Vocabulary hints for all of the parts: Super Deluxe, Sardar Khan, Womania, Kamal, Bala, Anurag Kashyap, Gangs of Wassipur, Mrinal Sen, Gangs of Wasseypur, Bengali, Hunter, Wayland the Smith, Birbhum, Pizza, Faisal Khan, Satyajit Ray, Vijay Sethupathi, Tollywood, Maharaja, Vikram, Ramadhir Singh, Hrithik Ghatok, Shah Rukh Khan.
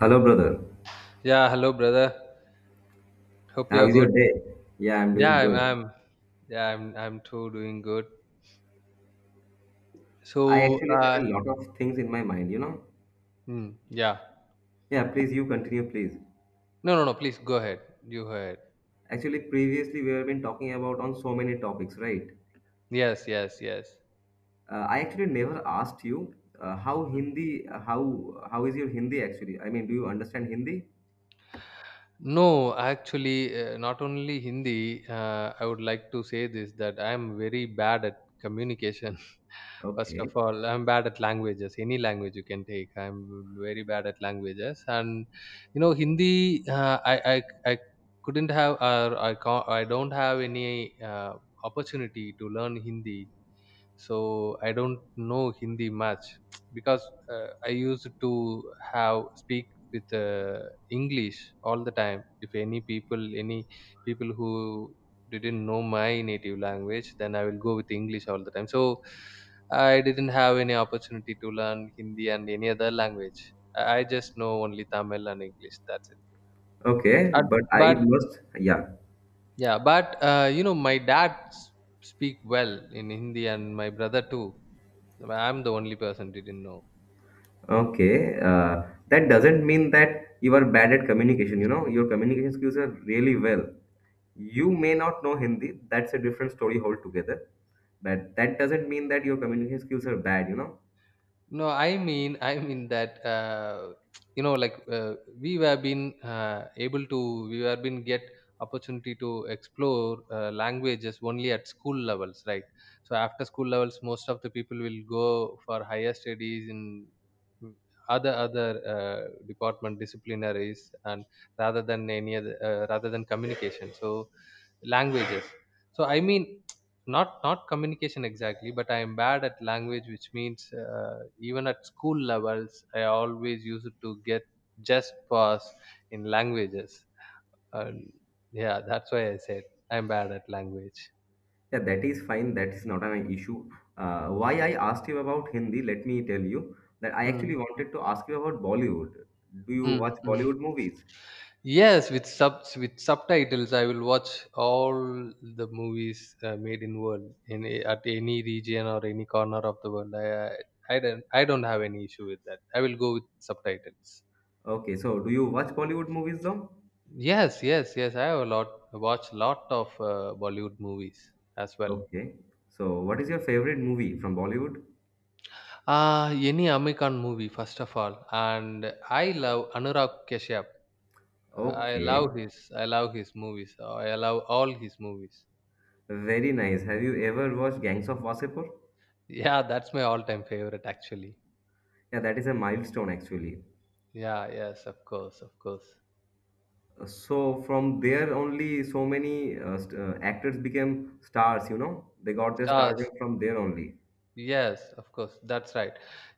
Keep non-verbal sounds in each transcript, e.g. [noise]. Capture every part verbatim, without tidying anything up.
Hello, brother. Yeah, hello brother. Hope How you're is your good. day? Yeah, I'm Yeah, doing I'm, good. I'm yeah, I'm I'm too doing good. I So actually uh have a lot of things in my mind, you know? mm, yeah. Yeah, please, you continue, please. No no no please go ahead. You go ahead. Actually, previously we have been talking about on so many topics, right? Yes, yes, yes. Uh, I actually never asked you uh, how Mm. Hindi, uh, how how is your Hindi actually? I mean, do you understand Hindi? No, actually, uh, not only Hindi. Uh, I would like to say this that I am very bad at communication. First Okay. of all, I'm bad at languages. Any language you can take, I'm very bad at languages. And you know, Hindi, uh, I, I I couldn't have, or I can't, I don't have any uh, opportunity to learn Hindi, so I don't know Hindi much because uh, I used to have speak with uh, English all the time. If any people any people who didn't know my native language, then I will go with English all the time. So I didn't have any opportunity to learn Hindi and any other language. I I just know only Tamil and English, that's it. Okay, And- but I but must, yeah. yeah, but uh, you know, my dad s- speak well in Hindi and my brother too. I'm the only person didn't know. Okay, uh, that doesn't mean that you are bad at communication, you know? Your communication skills are really well. You may not know Hindi. That's a different story altogether. But that doesn't mean that your communication skills are bad, you know. No, I mean, I mean that uh, you know, like uh, we have been uh, able to, we have been get opportunity to explore uh, languages only at school levels, right? So after school levels, most of the people will go for higher studies in other other uh, department disciplinaries, and rather than any other, uh, rather than communication. So languages. So I mean. not not communication exactly, but I am bad at language, which means uh, even at school levels, I always used to get just pass in languages. And yeah, that's why I said I'm bad at language. Yeah, that is fine. That is not an issue. Uh, why I asked you about Hindi, let me tell you that I mm, actually wanted to ask you about Bollywood. Do you mm, watch mm. Bollywood movies? Yes, with subs, with subtitles I will watch all the movies uh, made in world, in a- at any region or any corner of the world. I i I don't, i don't have any issue with that, I will go with subtitles. Okay, so do you watch Bollywood movies though? Yes, yes, yes. I have a lot watched lot of uh, Bollywood movies as well. Okay. So what is your favorite movie from Bollywood? Uh, any American movie first of all, and I love Anurag Kashyap. I Okay. love his, I love his movies. uh, I love all his movies. Very nice. Have you ever watched Gangs of Wasipur? Yeah, that's my all-time favorite actually. Yeah, that is a milestone actually. Yeah, yes, of course, of course. So from there only so many uh, st- uh, actors became stars, you know. They got their stardom Stars. from there only. Yes, of course. That's right.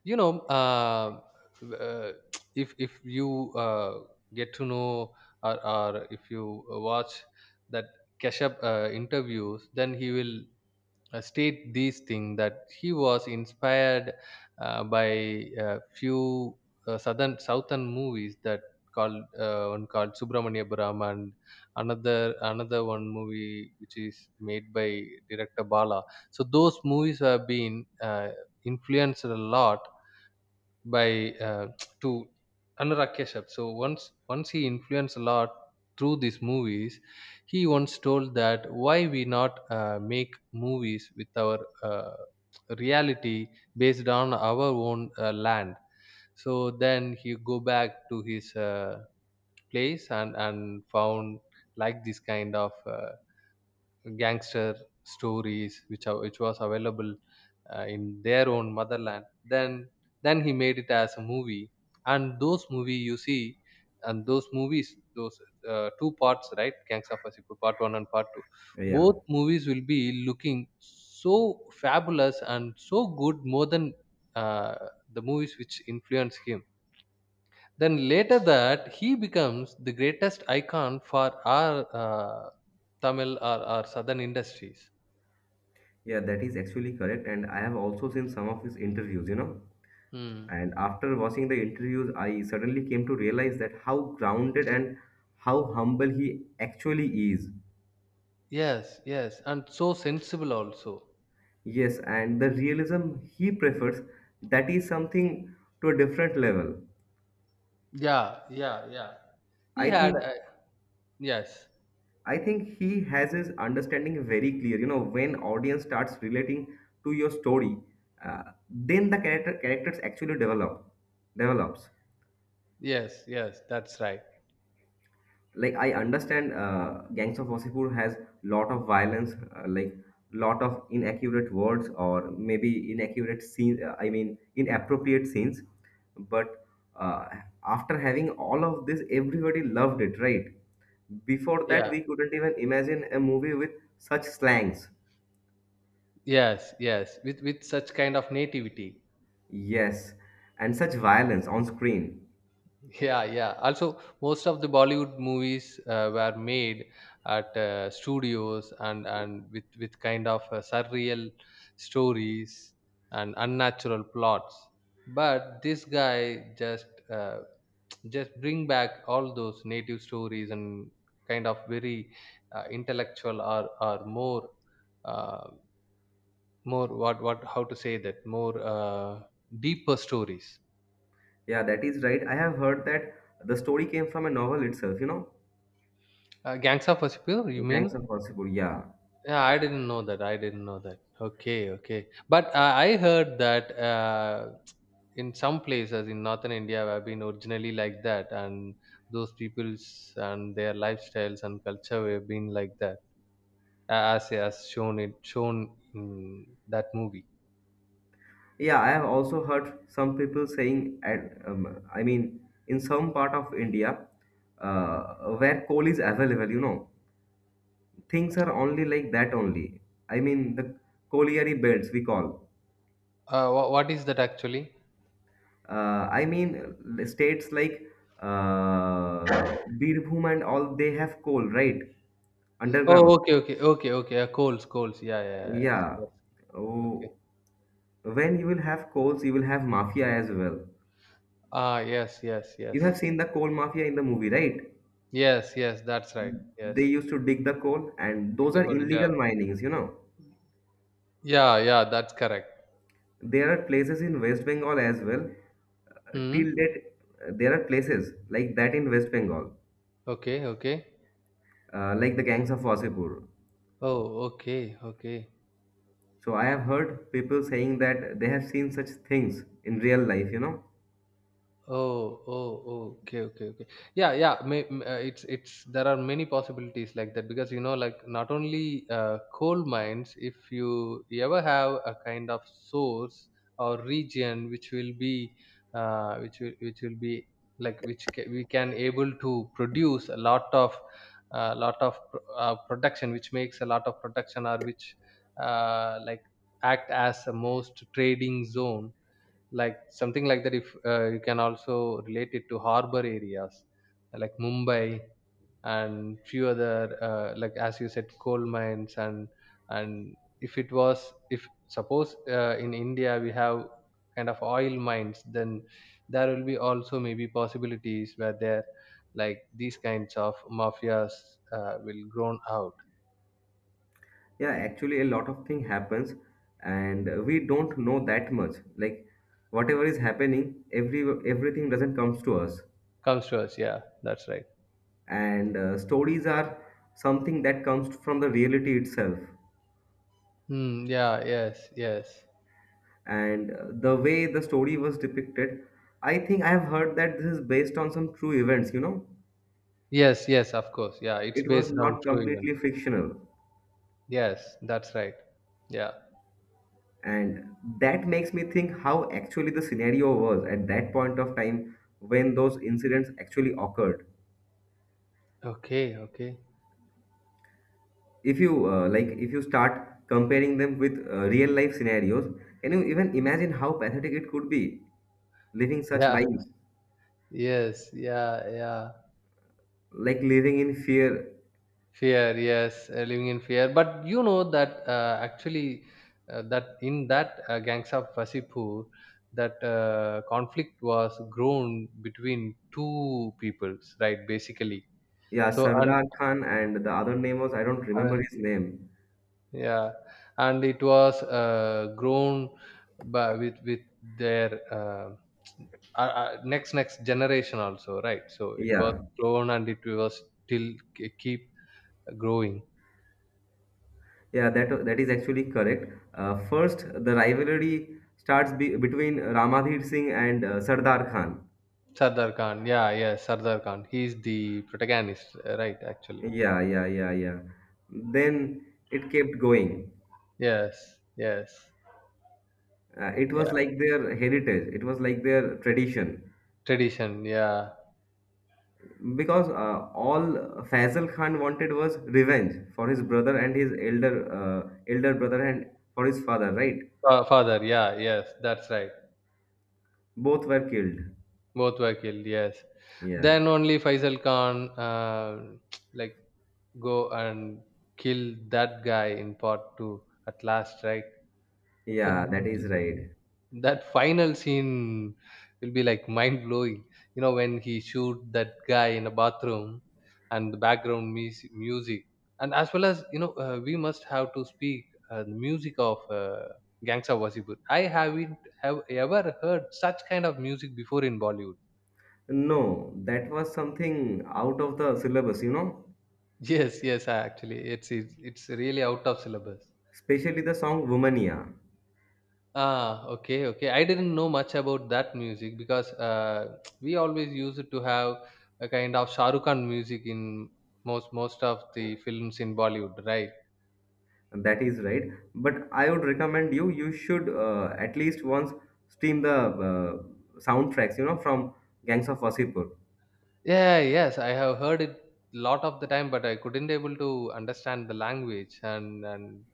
You know, uh, uh, [tsk] if if you uh, get to know, or, or if you watch that Keshav uh, interviews, then he will uh, state these things that he was inspired uh, by a few uh, southern southern movies that called uh, one called Subramanya Brahma, and another another one movie which is made by director Bala. So those movies have been uh, influenced a lot by uh, to Anurag Kashyap. So once once he influenced a lot through these movies, he once told that why we not uh, make movies with our uh, reality based on our own uh, land. So then he go back to his uh, place and and found like this kind of. Uh, gangster stories which are, which was available uh, in their own motherland, then then he made it as a movie. And those movie you see and those movies, those uh, two parts, right? Gangs of Wasseypur part one and part two, Yeah. both movies will be looking so fabulous and so good, more than uh, the movies which influence him. Then later that he becomes the greatest icon for our uh, Tamil or our southern industries. Yeah, that is actually correct. And I have also seen some of his interviews, you know. Hmm. And after watching the interviews, I suddenly came to realize that how grounded and how humble he actually is. Yes, yes, and so sensible also. Yes, and the realism he prefers, that is something to a different level. Yeah, yeah, yeah. He I had think a, yes, I think he has his understanding very clear. You know, when audience starts relating to your story, uh, then the character characters actually develop develops. yes, yes. That's right. Like I understand, uh, Gangs of Wasseypur has lot of violence, uh, like lot of inaccurate words or maybe inaccurate scenes. Uh, I mean, inappropriate scenes. But uh, after having all of this, everybody loved it, right? Before that, Yeah, we couldn't even imagine a movie with such slangs. yes, yes. With with such kind of nativity. Yes, and such violence on screen. Yeah, yeah. Also, most of the Bollywood movies uh, were made at uh, studios and and with with kind of uh, surreal stories and unnatural plots. But this guy just uh, just bring back all those native stories and kind of very uh, intellectual or or more uh, more what what how to say that, more uh, deeper stories. Yeah, that is right. I have heard that the story came from a novel itself, you know? Uh, Gangs of Wasseypur, you Gangs mean? of possible, yeah. Yeah, I didn't know that. I didn't know that. Okay, okay. But uh, I heard that uh, in some places in northern India have been originally like that, and those peoples and their lifestyles and culture have been like that, a- as as shown, it shown in that movie. Yeah, I have also heard some people saying, at, um, I mean, in some part of India, uh, where coal is available, you know, things are only like that only. I mean, the colliery belts we call. Uh, wha what is that actually? Uh, I mean, uh, states like uh, Birbhum and all, they have coal, right? Oh, Underground. okay, okay, okay, okay. Uh, coals, coals. Yeah, yeah, yeah. Yeah. Yeah. Yes. Okay. Oh, when you will have coals, you will have mafia as well. Ah, yes, yes, You yes, have seen the coal mafia in the movie, right? yes, yes. That's right. Yes. They used to dig the coal, and those are Coal. Yeah, illegal minings, you know. yeah, yeah. That's correct. There are places in West Bengal as well. Uh, Hmm. till date, uh, there are places like that in West Bengal, Okay. Okay. uh, like the gangs of Wasipur. Oh. Okay. Okay. So I have heard people saying that they have seen such things in real life, you know. Oh, oh, oh, okay, okay, okay. Yeah, yeah. May, m- uh, it's it's, there are many possibilities like that because you know, like not only uh, coal mines. If you, you ever have a kind of source or region which will be, uh, which will which will be like which ca- we can able to produce a lot of, uh, lot of pr- uh, production, which makes a lot of production, or which, uh, like act as a most trading zone, like something like that. If uh, you can also relate it to harbor areas like Mumbai and few other uh, like, as you said, coal mines. And and If it was, if suppose uh, in India we have kind of oil mines, then there will be also maybe possibilities where there, like these kinds of mafias uh, will grown out. Yeah, actually, a lot of thing happens, and uh, we don't know that much. Like whatever is happening, every everything doesn't comes to us, Comes to us, yeah, that's right. and uh, stories are something that comes from the reality itself. Hmm. Yeah, yes, yes. And uh, the way the story was depicted, I think I have heard that this is based on some true events. You know, Yes, yes, of course. Yeah, it's it was based on not true completely events. fictional, Yes, that's right. Yeah. and that makes me think how actually the scenario was at that point of time when those incidents actually occurred. Okay, okay. If you uh, like if you start comparing them with uh, real life scenarios, can you even imagine how pathetic it could be living such Yeah, lives, [laughs] yes, yeah, yeah. like living in fear. Fear, yes, uh, living in fear. But you know that uh, actually, uh, that in that uh, Gangs of Wasipur, that uh, conflict was grown between two peoples, right? Basically. Yeah, So, and Sardar Khan, and the other name was, I don't remember uh, his name. yeah, and it was uh, grown by, with with their uh, uh, uh, next next generation also, right? So it was Yeah, grown, and it was still k- keep growing. yeah, that that is actually correct. uh, first the rivalry starts be, between Ramadhir Singh and uh, Sardar Khan. Sardar Khan, yeah, yes, Sardar Khan, he's the protagonist, uh, right, actually. Yeah, yeah, yeah, yeah, then it kept going. Yes, yes. Uh, it Yeah, was like their heritage, it was like their tradition. tradition, yeah. Because uh, all Faisal Khan wanted was revenge for his brother and his elder uh, elder brother and for his father, right? Fa- father, yeah, yes, that's right. Both were killed. Both were killed, yes. Yeah. Then only Faisal Khan uh, [tsk] like go and kill that guy in part two at last, right? So Yeah, that is th- th- right. that final scene will be like mind blowing. You know, when he shoot that guy in a bathroom and the background mus- music, and as well as you know, uh, we must have to speak uh, the music of. Uh, Gangsta Wasipur. I haven't have ever heard such kind of music before in Bollywood. No, that was something out of the syllabus, you know, [laughs] Yes, yes, I actually, it's it's, it's really out of syllabus. especially the song Womania. Ah, okay, okay. I didn't know much about that music because uh, [tsk] we always used to have a kind of Shah Rukh Khan music in most most of the films in Bollywood, right? That is right. But I would recommend you, you should uh, at least once stream the uh, soundtracks, you know, from Gangs of Wasipur. Yeah, yes, I have heard it lot of the time, but I couldn't able to understand the language, and and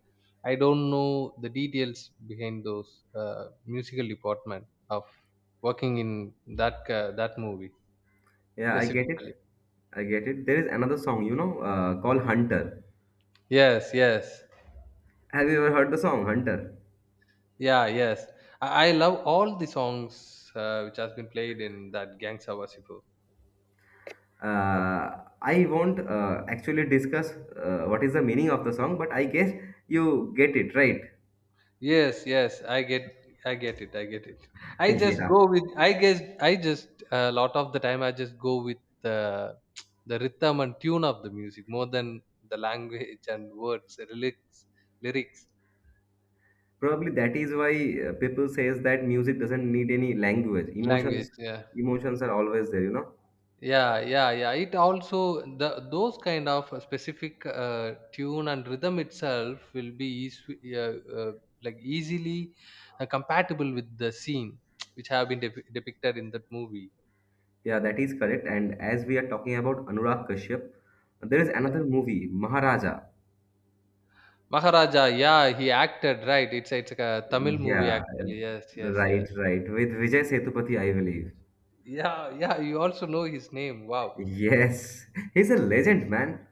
I don't know the details behind those uh, musical department of working in that uh, that movie Yeah, I get it. specifically. I get it. There is another song, you know, uh, called Hunter. Yes, yes. Have you ever heard the song Hunter? Yeah, yes. I, I love all the songs uh, which has been played in that Gangsta Wasifu. Uh, I won't uh, actually discuss uh, what is the meaning of the song, but I guess you get it, right? [laughs] Yes, yes. I get, I get it. I get it. I just Yeah. go with. I guess, I just a lot of the time I just go with the the rhythm and tune of the music more than the language and words, lyrics, lyrics, Probably that is why uh, people says that music doesn't need any language. language. Emotions, Yeah. emotions are always there, you know. Yeah, yeah, yeah. It also the those kind of specific uh, tune and rhythm itself will be easy, uh, uh, like easily uh, compatible with the scene [tsk] which have been dep- depicted in that movie. Yeah, that is correct. And as we are talking about Anurag Kashyap, there is another movie, Maharaja. Maharaja, yeah, he acted, right? It's it's like a Tamil movie Yeah, actually. Yes, yes, yes. right, right. With Vijay Sethupathi, I believe. Yeah, yeah. You also know his name. Wow. Yes, he's a legend, man.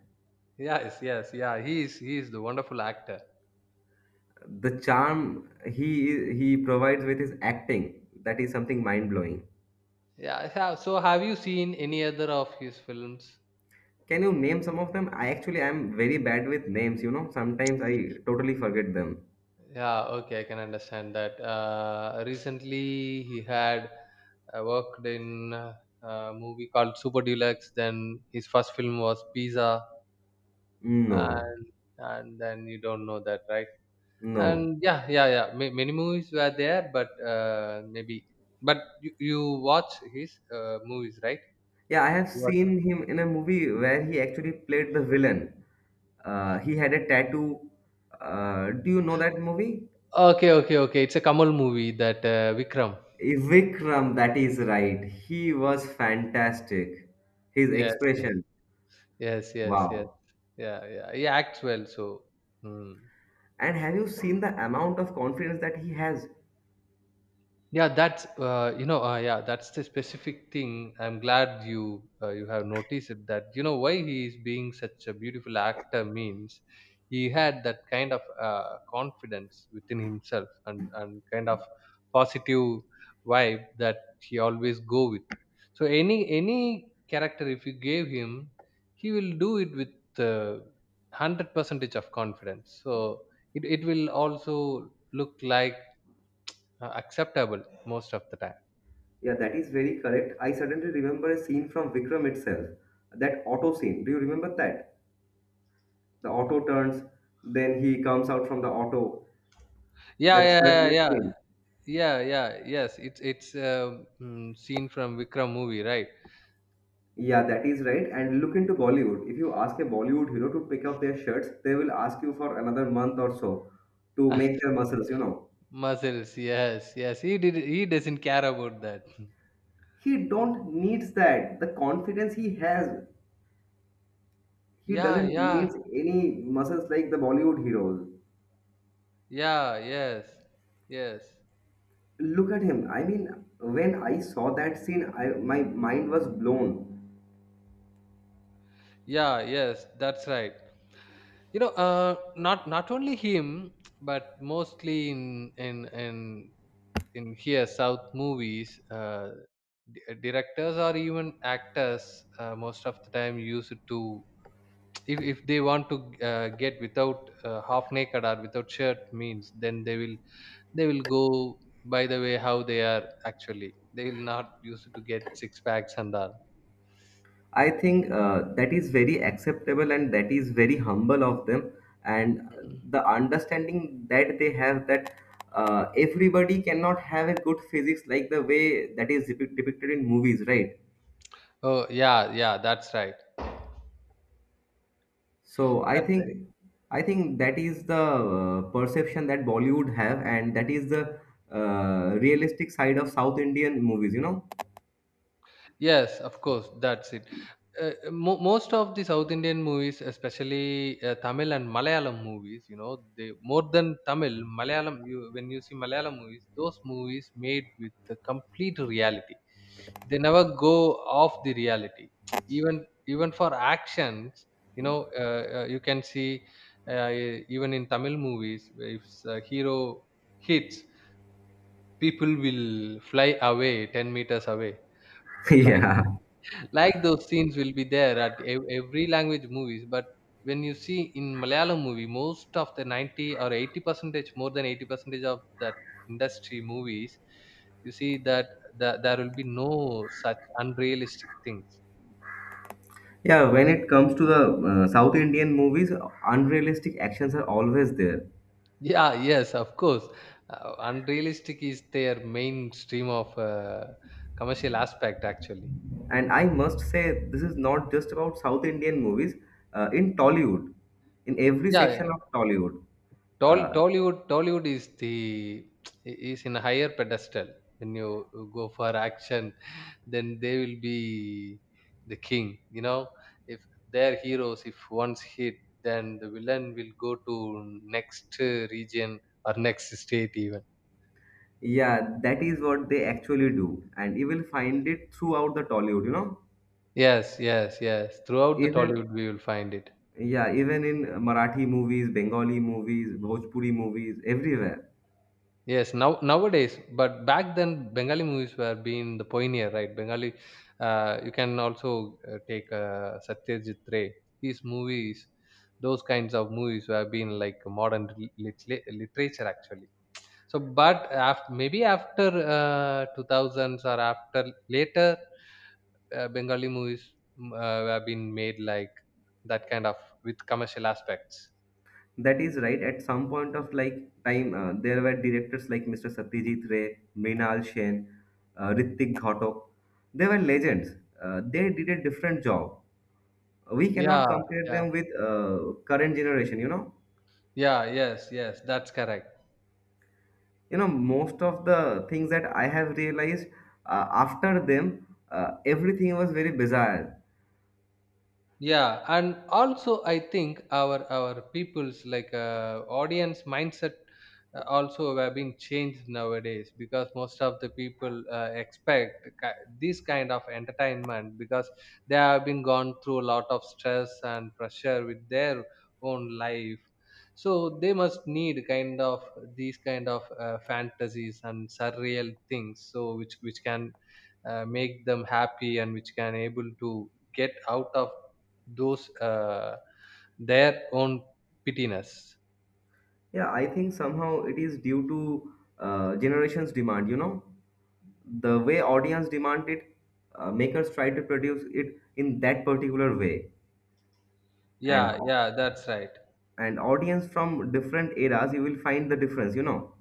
Yes, yes, yeah. He is he is the wonderful actor. The charm he he provides with his acting, that is something mind-blowing. Yeah. ha- So have you seen any other of his films? Can you name some of them? I actually am very bad with names, you know. Sometimes I totally forget them. Yeah, okay, I can understand that. Uh, recently, he had uh, worked in uh, a movie called Super Deluxe. Then his first film was Pizza, No, and and then you don't know that, right? no. And yeah, yeah, yeah. Ma many movies were there, but uh, maybe. But you, you watch his uh, movies, right? Yeah, I have You watch. seen him in a movie where he actually played the villain. Uh, he had a tattoo. Uh, do you know that movie? Okay, okay, okay. It's a Kamal movie, that uh, Vikram. Vikram, that is right. He was fantastic. His Yes, yes, expression, yes, yes, yes. wow. Yeah, yeah. He acts well, so. Hmm. And have you seen the amount of confidence that he has? Yeah, that's uh, you know uh, yeah, that's the specific thing. I'm glad you uh, you have noticed it, that. You know why he is being such a beautiful actor means he had that kind of uh, confidence within himself, and and kind of positive vibe that he always go with. So any any character if you gave him, he will do it with uh, hundred percentage of confidence. So it it will also look like uh, acceptable most of the time. Yeah, that is very correct. I suddenly remember a scene from Vikram itself, that auto scene. Do you remember that? The auto turns, then he comes out from the auto. Yeah, That yeah, yeah, shirtless yeah, scene. yeah, yeah, yes, it's it's um, mm, seen from Vikram movie, right? Yeah, that is right. And look into Bollywood. If you ask a Bollywood hero to pick up their shirts, they will ask you for another month or so to [laughs] make their muscles, you know. Muscles, yes, yes, he did, he doesn't care about that. He don't needs that. The confidence he has, he Yeah, doesn't yeah, needs any muscles like the Bollywood heroes. yeah, yes, yes. Look at him. I mean, when I saw that scene, I, my mind was blown. Yeah, yes, that's right. you know uh not not only him, but mostly in in in in here south movies, uh di- directors or even actors uh, most of the time use it to, if, if they want to uh, get without uh, half naked or without shirt means, then they will, they will go by the way how they are actually. They will not use it to get six packs and all. I think uh, that is very acceptable and that is very humble of them. And Mm. the understanding that they have that uh, everybody cannot have a good physics like the way that is depic- depicted in movies, right? Oh yeah, yeah, that's right. So I That's right. think I think that is the uh, perception that Bollywood have, and that is the uh, realistic side of South Indian movies, you know. Yes, of course, that's it. Uh, mo- most of the south Indian movies, especially uh, Tamil and Malayalam movies, you know, they, more than Tamil, Malayalam, you, when you see Malayalam movies, those movies made with the complete reality. They never go off the reality. Even even for actions, you know, uh, uh, you can see, uh, even in Tamil movies, if a hero hits, people will fly away ten meters away, [laughs] like Yeah. like those scenes will be there at ev- every language movies. But when you see in Malayalam movie, most of the ninety or eighty percentage, more than eighty percentage of that industry movies, you see that, that there will be no such unrealistic things. Yeah, when it comes to the uh, South Indian movies, unrealistic actions are always there. Yeah, yes, of course. Uh, unrealistic is their mainstream of uh, commercial aspect, actually. And I must say, this is not just about South Indian movies. Uh, in Tollywood, in every Yeah, section yeah. of Tollywood, uh, Tol- Tollywood, Tollywood is the, is in a higher pedestal. When you go for action, then they will be the king. You know, if their heroes, if once hit, then the villain will go to next uh, region or next state even. yeah, that is what they actually do. And you will find it throughout the Tollywood, you know. Yes, yes, yes. Throughout the Even, Tollywood, we will find it. yeah, even in Marathi movies, Bengali movies, Bhojpuri movies, everywhere. Yes, now nowadays, but back then Bengali movies were being the pioneer, right? Bengali, uh, you can also uh, take uh, Satyajit Ray. His movies, those kinds of movies were being like modern lit- lit- literature, actually. So, but after, maybe after uh, two thousands or after later, uh, Bengali movies mm, uh, were being made like that kind of, with commercial aspects. That is right. At some point of like time, uh, there were directors like mister Satyajit Ray, Mrinal Sen, uh, Hrithik Ghatok. They were legends. Uh, they did a different job. We cannot Yeah, compare yeah, them with uh, current generation. You know, yeah. Yes, yes, that's correct. you know most of the things that I have realized uh, after them, uh, everything was very bizarre. Yeah, and also I think our our people's, like, uh, audience mindset, uh, also have been changed nowadays, because most of the people uh, expect ki- this kind of entertainment, because they have been gone through a lot of stress and pressure with their own life. So they must need kind of these kind of uh, fantasies and surreal things, so which which can uh, make them happy and which can able to get out of those uh, their own pittiness. Yeah, I think somehow it is due to uh, generations demand, you know, the way audience demand it, uh, makers try to produce it in that particular way. And Yeah, yeah, that's right. and audience from different eras, you will find the difference, you know.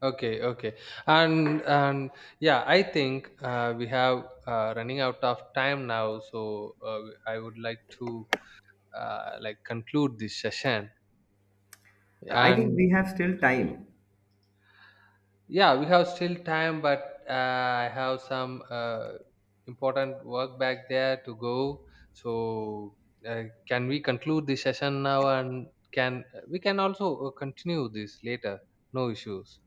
Okay, okay. And and yeah, I think uh, we have uh, running out of time now, so uh, I would like to uh, like conclude this session I think and. we have still time. Yeah, we have still time, but uh, I have some uh, important work back there to go. So, uh, can we conclude this session now? And can we can also uh, continue this later? No issues.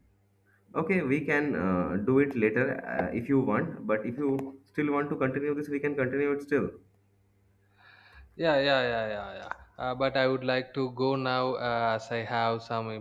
Okay, we can uh, do it later uh, if you want, but if you still want to continue this, we can continue it still. Yeah, yeah, yeah, yeah, yeah. Uh, but I would like to go now uh, as I have some